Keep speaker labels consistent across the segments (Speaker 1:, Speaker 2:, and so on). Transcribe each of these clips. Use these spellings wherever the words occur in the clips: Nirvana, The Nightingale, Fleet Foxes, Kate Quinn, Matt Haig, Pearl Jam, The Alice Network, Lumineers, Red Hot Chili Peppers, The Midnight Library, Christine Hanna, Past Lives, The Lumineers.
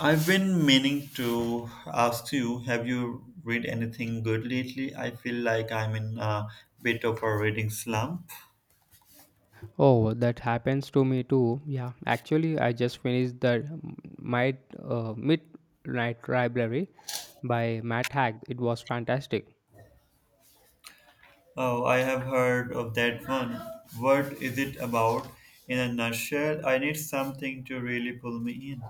Speaker 1: I've been meaning to ask you, have you read anything good lately? I feel like I'm in a bit of a reading slump.
Speaker 2: Oh, that happens to me too. Yeah, actually, I just finished the Might Midnight Library by Matt Haig. It was fantastic.
Speaker 1: Oh, I have heard of that one. What is it about? In a nutshell, I need something to really pull me in.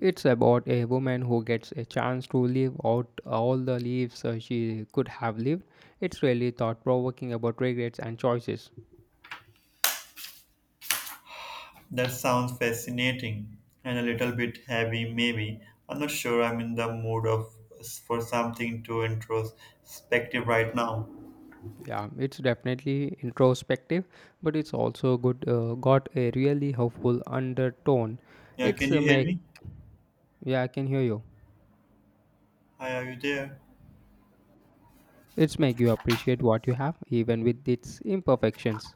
Speaker 2: It's about a woman who gets a chance to live out all the lives she could have lived. It's really thought provoking about regrets and choices.
Speaker 1: That sounds fascinating and a little bit heavy, maybe. I'm not sure I'm in the mood of For something too introspective right now.
Speaker 2: Yeah, it's definitely introspective, but it's also good. Got a really helpful undertone.
Speaker 1: Yeah,
Speaker 2: It's
Speaker 1: can
Speaker 2: a
Speaker 1: you hear
Speaker 2: make.
Speaker 1: me?
Speaker 2: Yeah, I can hear you.
Speaker 1: Hi, are you there?
Speaker 2: It's make you appreciate what you have even with its imperfections.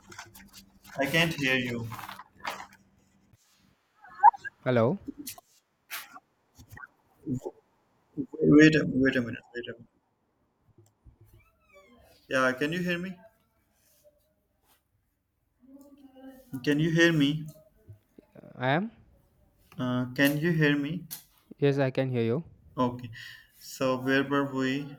Speaker 1: I can't hear you.
Speaker 2: Hello,
Speaker 1: Wait a minute. Wait a minute. Yeah, can you hear me? Can you hear me?
Speaker 2: I am.
Speaker 1: Can you hear me?
Speaker 2: Yes, I can hear you.
Speaker 1: Okay. So where were we?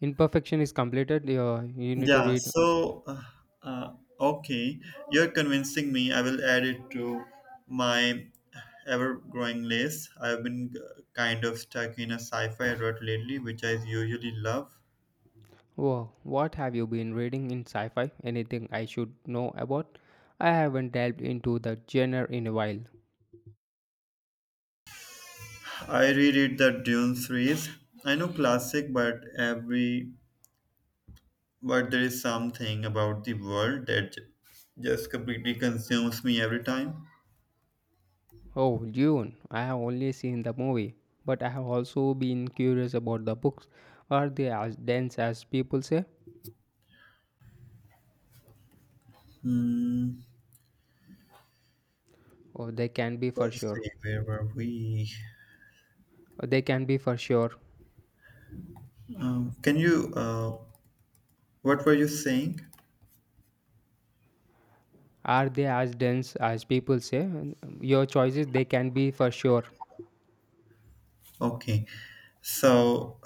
Speaker 2: Imperfection is completed. You need to
Speaker 1: Yeah.
Speaker 2: read.
Speaker 1: Uh, okay, you're convincing me. I will add it to my ever-growing list. I've been kind of stuck in a sci-fi rut lately, which I usually love.
Speaker 2: Whoa, what have you been reading in sci-fi? Anything I should know about? I haven't delved into the genre in a while.
Speaker 1: I reread the Dune series. I know classic, but there is something about the world that just completely consumes me every time.
Speaker 2: Oh, June. I have only seen the movie, but I have also been curious about the books. Are they as dense as people say?
Speaker 1: Hmm.
Speaker 2: Oh, they can be for
Speaker 1: Let's
Speaker 2: sure.
Speaker 1: see, where were we?
Speaker 2: They can be for sure.
Speaker 1: Um, can you, uh, what were you saying?
Speaker 2: Are they as dense as people say? Your choices, they can be for sure.
Speaker 1: Okay, so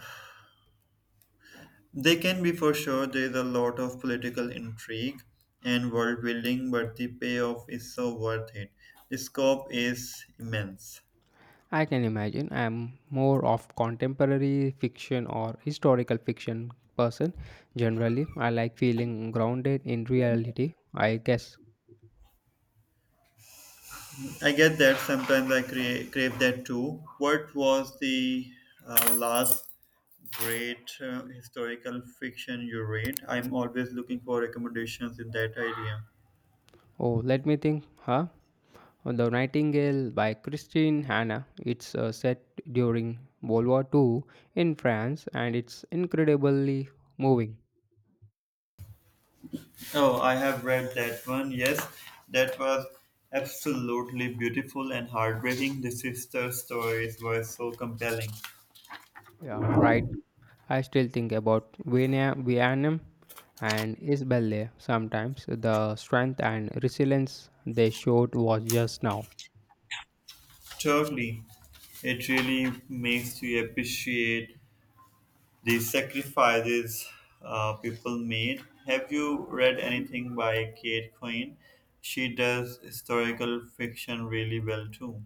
Speaker 1: they can be for sure. There is a lot of political intrigue and world building, but the payoff is so worth it. The scope is immense.
Speaker 2: I can imagine. I'm more of contemporary fiction or historical fiction person. Generally, I like feeling grounded in reality. I guess.
Speaker 1: I get that. Sometimes I crave that too. What was the last great historical fiction you read? I'm always looking for recommendations in that area.
Speaker 2: Oh, let me think. Huh? The Nightingale by Christine Hanna. It's set during World War II in France, and it's incredibly moving.
Speaker 1: Oh, I have read that one. Yes, that was absolutely beautiful and heartbreaking. The sister stories were so compelling.
Speaker 2: Yeah, right. I still think about Vietnam and Isabelle sometimes. The strength and resilience they showed was just now.
Speaker 1: Totally. It really makes you appreciate the sacrifices people made. Have you read anything by Kate Quinn? She does historical fiction really well too.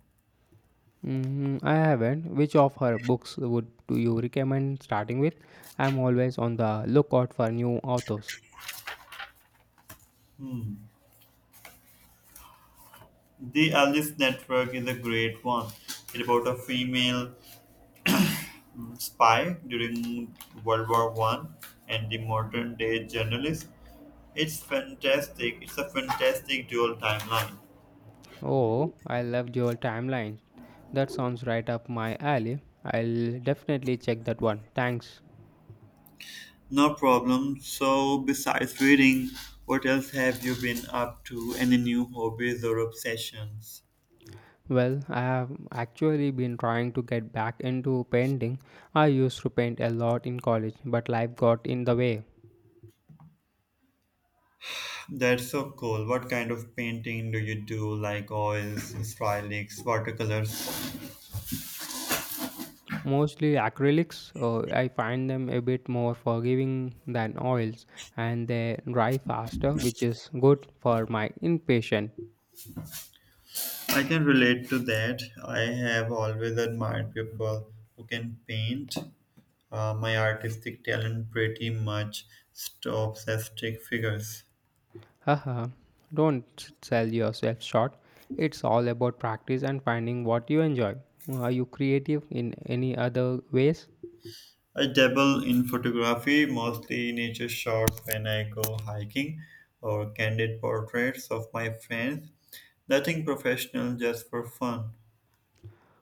Speaker 2: Mm, I haven't. Which of her books would do you recommend starting with? I'm always on the lookout for new authors.
Speaker 1: Hmm. The Alice Network is a great one. It's about a female spy during World War One and the modern day journalist. It's fantastic. It's a fantastic dual timeline.
Speaker 2: Oh, I love your timeline. That sounds right up my alley. I'll definitely check that one. Thanks.
Speaker 1: No problem. So, besides reading, what else have you been up to? Any new hobbies or obsessions?
Speaker 2: Well, I have actually been trying to get back into painting. I used to paint a lot in college, but life got in the way.
Speaker 1: That's so cool. What kind of painting do you do? Like oils, acrylics, watercolors?
Speaker 2: Mostly acrylics, I find them a bit more forgiving than oils and they dry faster, which is good for my impatient.
Speaker 1: I can relate to that. I have always admired people who can paint. My artistic talent pretty much stops at stick figures.
Speaker 2: Haha, don't sell yourself short. It's all about practice and finding what you enjoy. Are you creative in any other ways?
Speaker 1: I dabble in photography, mostly nature shots when I go hiking or candid portraits of my friends. Nothing professional, just for fun.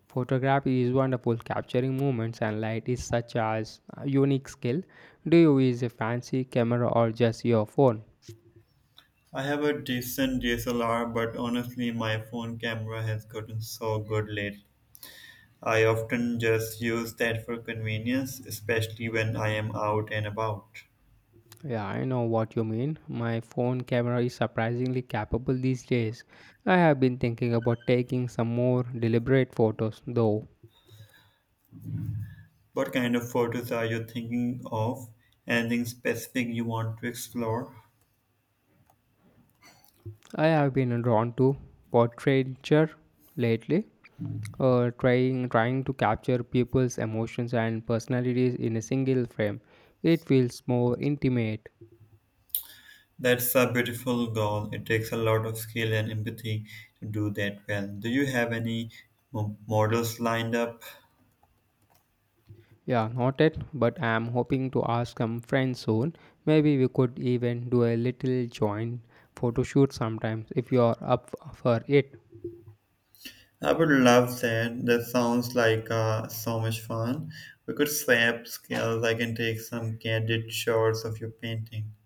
Speaker 2: Photography is wonderful. Capturing moments and light is such as a unique skill. Do you use a fancy camera or just your phone?
Speaker 1: I have a decent DSLR, but honestly, my phone camera has gotten so good lately. I often just use that for convenience, especially when I am out and about.
Speaker 2: Yeah, I know what you mean. My phone camera is surprisingly capable these days. I have been thinking about taking some more deliberate photos, though.
Speaker 1: What kind of photos are you thinking of? Anything specific you want to explore?
Speaker 2: I have been drawn to portraiture lately, trying to capture people's emotions and personalities in a single frame. It feels more intimate.
Speaker 1: That's a beautiful goal. It takes a lot of skill and empathy to do that well. Do you have any models lined up?
Speaker 2: Yeah, noted, but I'm hoping to ask some friends soon. Maybe we could even do a little joint photo shoot sometimes if you're up for it.
Speaker 1: I would love that. That sounds like so much fun. We could swap skills. I can take some candid shots of your painting.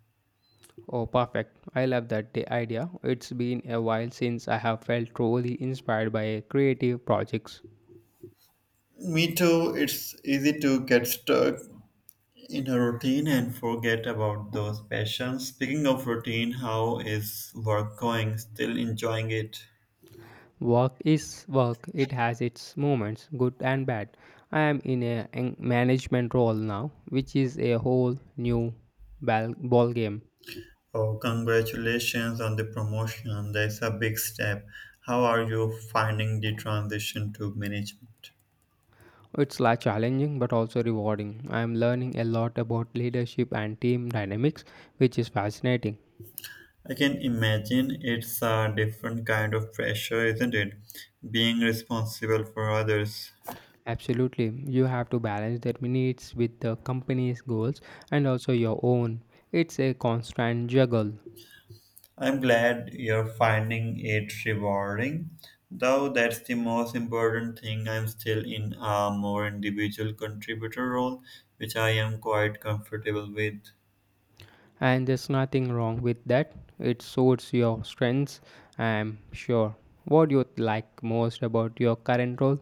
Speaker 2: Oh, perfect. I love that the idea. It's been a while since I have felt truly inspired by a creative projects.
Speaker 1: Me too. It's easy to get stuck in a routine and forget about those passions. Speaking of routine, how is work going? Still enjoying it?
Speaker 2: Work is work. It has its moments, good and bad. I am in management role now, which is a whole new ball game.
Speaker 1: Oh, congratulations on the promotion. That's a big step. How are you finding the transition to management?
Speaker 2: It's like challenging but also rewarding. I am learning a lot about leadership and team dynamics, which is fascinating.
Speaker 1: I can imagine it's a different kind of pressure, isn't it? Being responsible for others.
Speaker 2: Absolutely, you have to balance their needs with the company's goals and also your own. It's a constant juggle,
Speaker 1: I'm glad you're finding it rewarding. Though that's the most important thing, I'm still in a more individual contributor role, which I am quite comfortable with.
Speaker 2: and there's nothing wrong with that. It suits your strengths, I'm sure. What do you like most about your current role?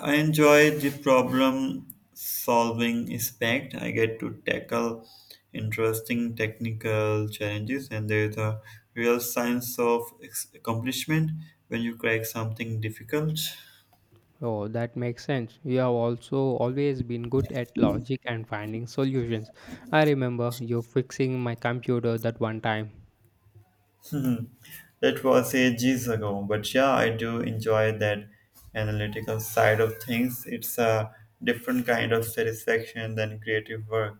Speaker 1: I enjoy the problem solving aspect. I get to tackle interesting technical challenges, and there's a real sense of accomplishment when you crack something difficult.
Speaker 2: Oh, that makes sense. You have also always been good at logic and finding solutions. I remember you fixing my computer that one time.
Speaker 1: That was ages ago, but yeah, I do enjoy that analytical side of things. It's a different kind of satisfaction than creative work.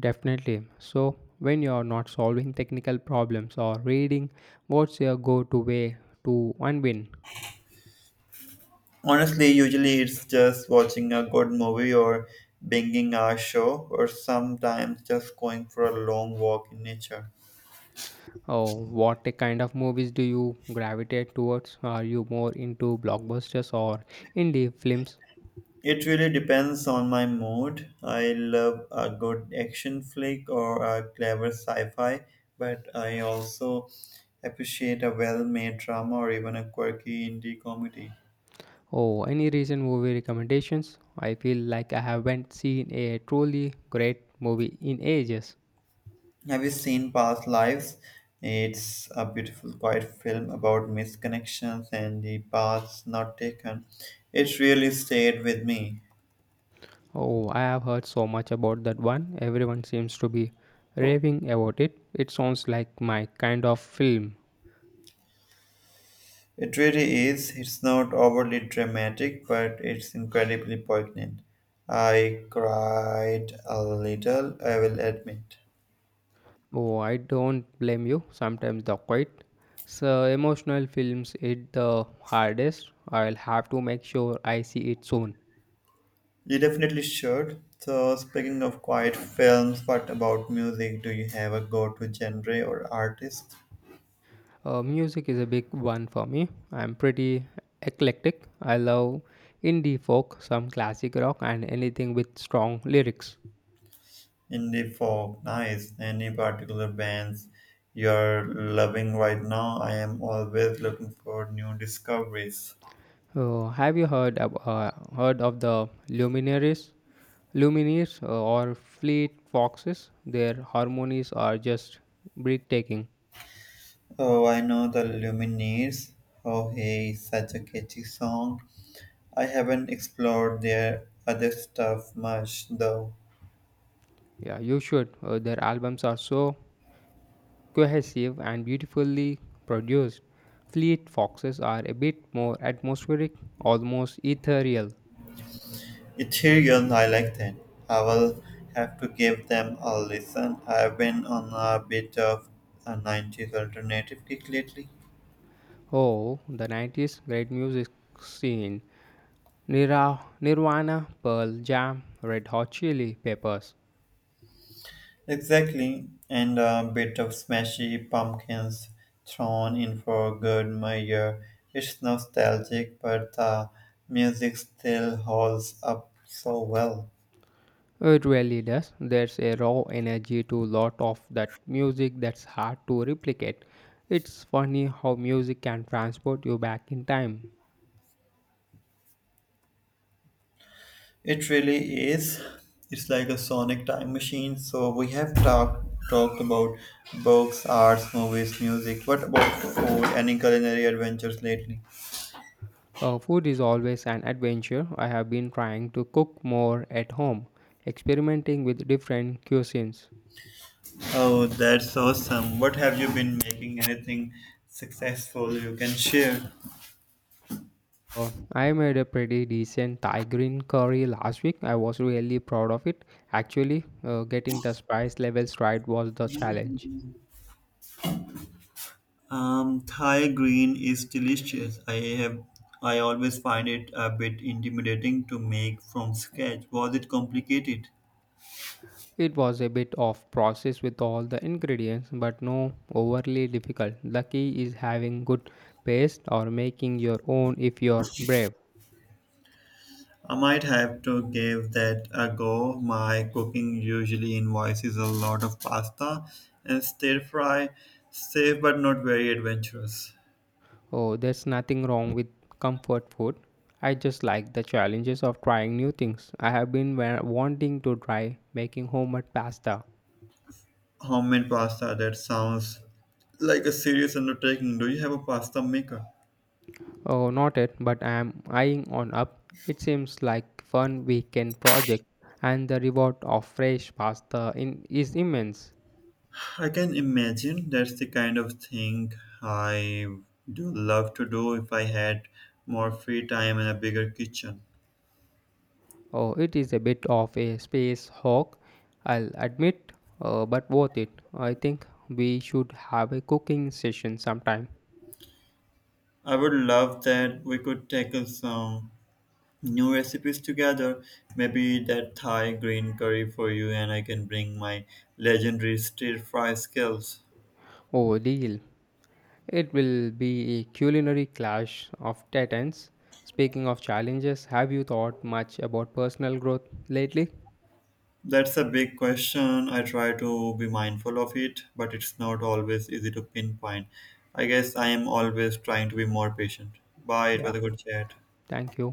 Speaker 2: Definitely. So, when you are not solving technical problems or reading, what's your go to way to unwind?
Speaker 1: Honestly, usually it's just watching a good movie or binging a show, or sometimes just going for a long walk in nature.
Speaker 2: Oh, what kind of movies do you gravitate towards? Are you more into blockbusters or indie films?
Speaker 1: It really depends on my mood. I love a good action flick or a clever sci fi, but I also appreciate a well made drama or even a quirky indie comedy.
Speaker 2: Oh, any recent movie recommendations? I feel like I haven't seen a truly great movie in ages.
Speaker 1: Have you seen Past Lives? It's a beautiful, quiet film about misconnections and the paths not taken. It really stayed with me.
Speaker 2: Oh, I have heard so much about that one. Everyone seems to be raving about it. It sounds like my kind of film.
Speaker 1: It really is. It's not overly dramatic, but it's incredibly poignant. I cried a little, I will admit.
Speaker 2: Oh, I don't blame you. Sometimes the quite so emotional films hit the hardest. I'll have to make sure I see it soon.
Speaker 1: You definitely should. So, speaking of quiet films, what about music? Do you have a go to genre or artist?
Speaker 2: Music is a big one for me. I'm pretty eclectic. I love indie folk, some classic rock, and anything with strong lyrics.
Speaker 1: Indie folk, nice. Any particular bands you're loving right now? I am always looking for new discoveries.
Speaker 2: Have you heard heard of the Lumineers, or Fleet Foxes? Their harmonies are just breathtaking.
Speaker 1: Oh, I know the Lumineers. Oh, hey, such a catchy song. I haven't explored their other stuff much though.
Speaker 2: Yeah, you should. Their albums are so cohesive and beautifully produced. Fleet Foxes are a bit more atmospheric, almost ethereal.
Speaker 1: Ethereal, I like that. I will have to give them a listen. I've been on a bit of a 90s alternative kick lately.
Speaker 2: Oh, the 90s great music scene. Nirvana, Pearl Jam, Red Hot Chili Peppers.
Speaker 1: Exactly, and a bit of smashy pumpkins thrown in for good measure. It's nostalgic, but the music still holds up so well.
Speaker 2: It really does. There's a raw energy to lot of that music that's hard to replicate. It's funny how music can transport you back in time.
Speaker 1: It really is. It's like a sonic time machine. So we have talked about books, arts, movies, music. What about food? Any culinary adventures lately?
Speaker 2: Food is always an adventure. I have been trying to cook more at home, experimenting with different cuisines.
Speaker 1: Oh, that's awesome. What have you been making? Anything successful you can share?
Speaker 2: I made a pretty decent Thai green curry last week. I was really proud of it. Actually, getting the spice levels right was the challenge.
Speaker 1: Thai green is delicious. Have I always find it a bit intimidating to make from scratch. Was it complicated?
Speaker 2: It was a bit of process with all the ingredients, but no overly difficult. The key is having good paste or making your own if you're brave.
Speaker 1: I might have to give that a go. My cooking usually involves a lot of pasta and stir fry, safe but not very adventurous.
Speaker 2: Oh, there's nothing wrong with comfort food. I just like the challenges of trying new things. I have been wanting to try making homemade pasta.
Speaker 1: Homemade pasta that sounds like a serious undertaking. Do you have a pasta maker?
Speaker 2: Oh, not yet, but I am eyeing on up. It seems like fun weekend project, and the reward of fresh pasta in, is immense.
Speaker 1: I can imagine that's the kind of thing I do love to do if I had more free time and a bigger kitchen.
Speaker 2: Oh, it is a bit of a space hog, I'll admit, but worth it. I think we should have a cooking session sometime.
Speaker 1: I would love that we could tackle some new recipes together. Maybe that Thai green curry for you, and I can bring my legendary stir fry skills.
Speaker 2: Oh, deal. It will be a culinary clash of titans. Speaking of challenges, have you thought much about personal growth lately?
Speaker 1: That's a big question. I try to be mindful of it, but it's not always easy to pinpoint. I guess I am always trying to be more patient. Bye, it was
Speaker 2: Yeah,
Speaker 1: a good chat.
Speaker 2: thank you.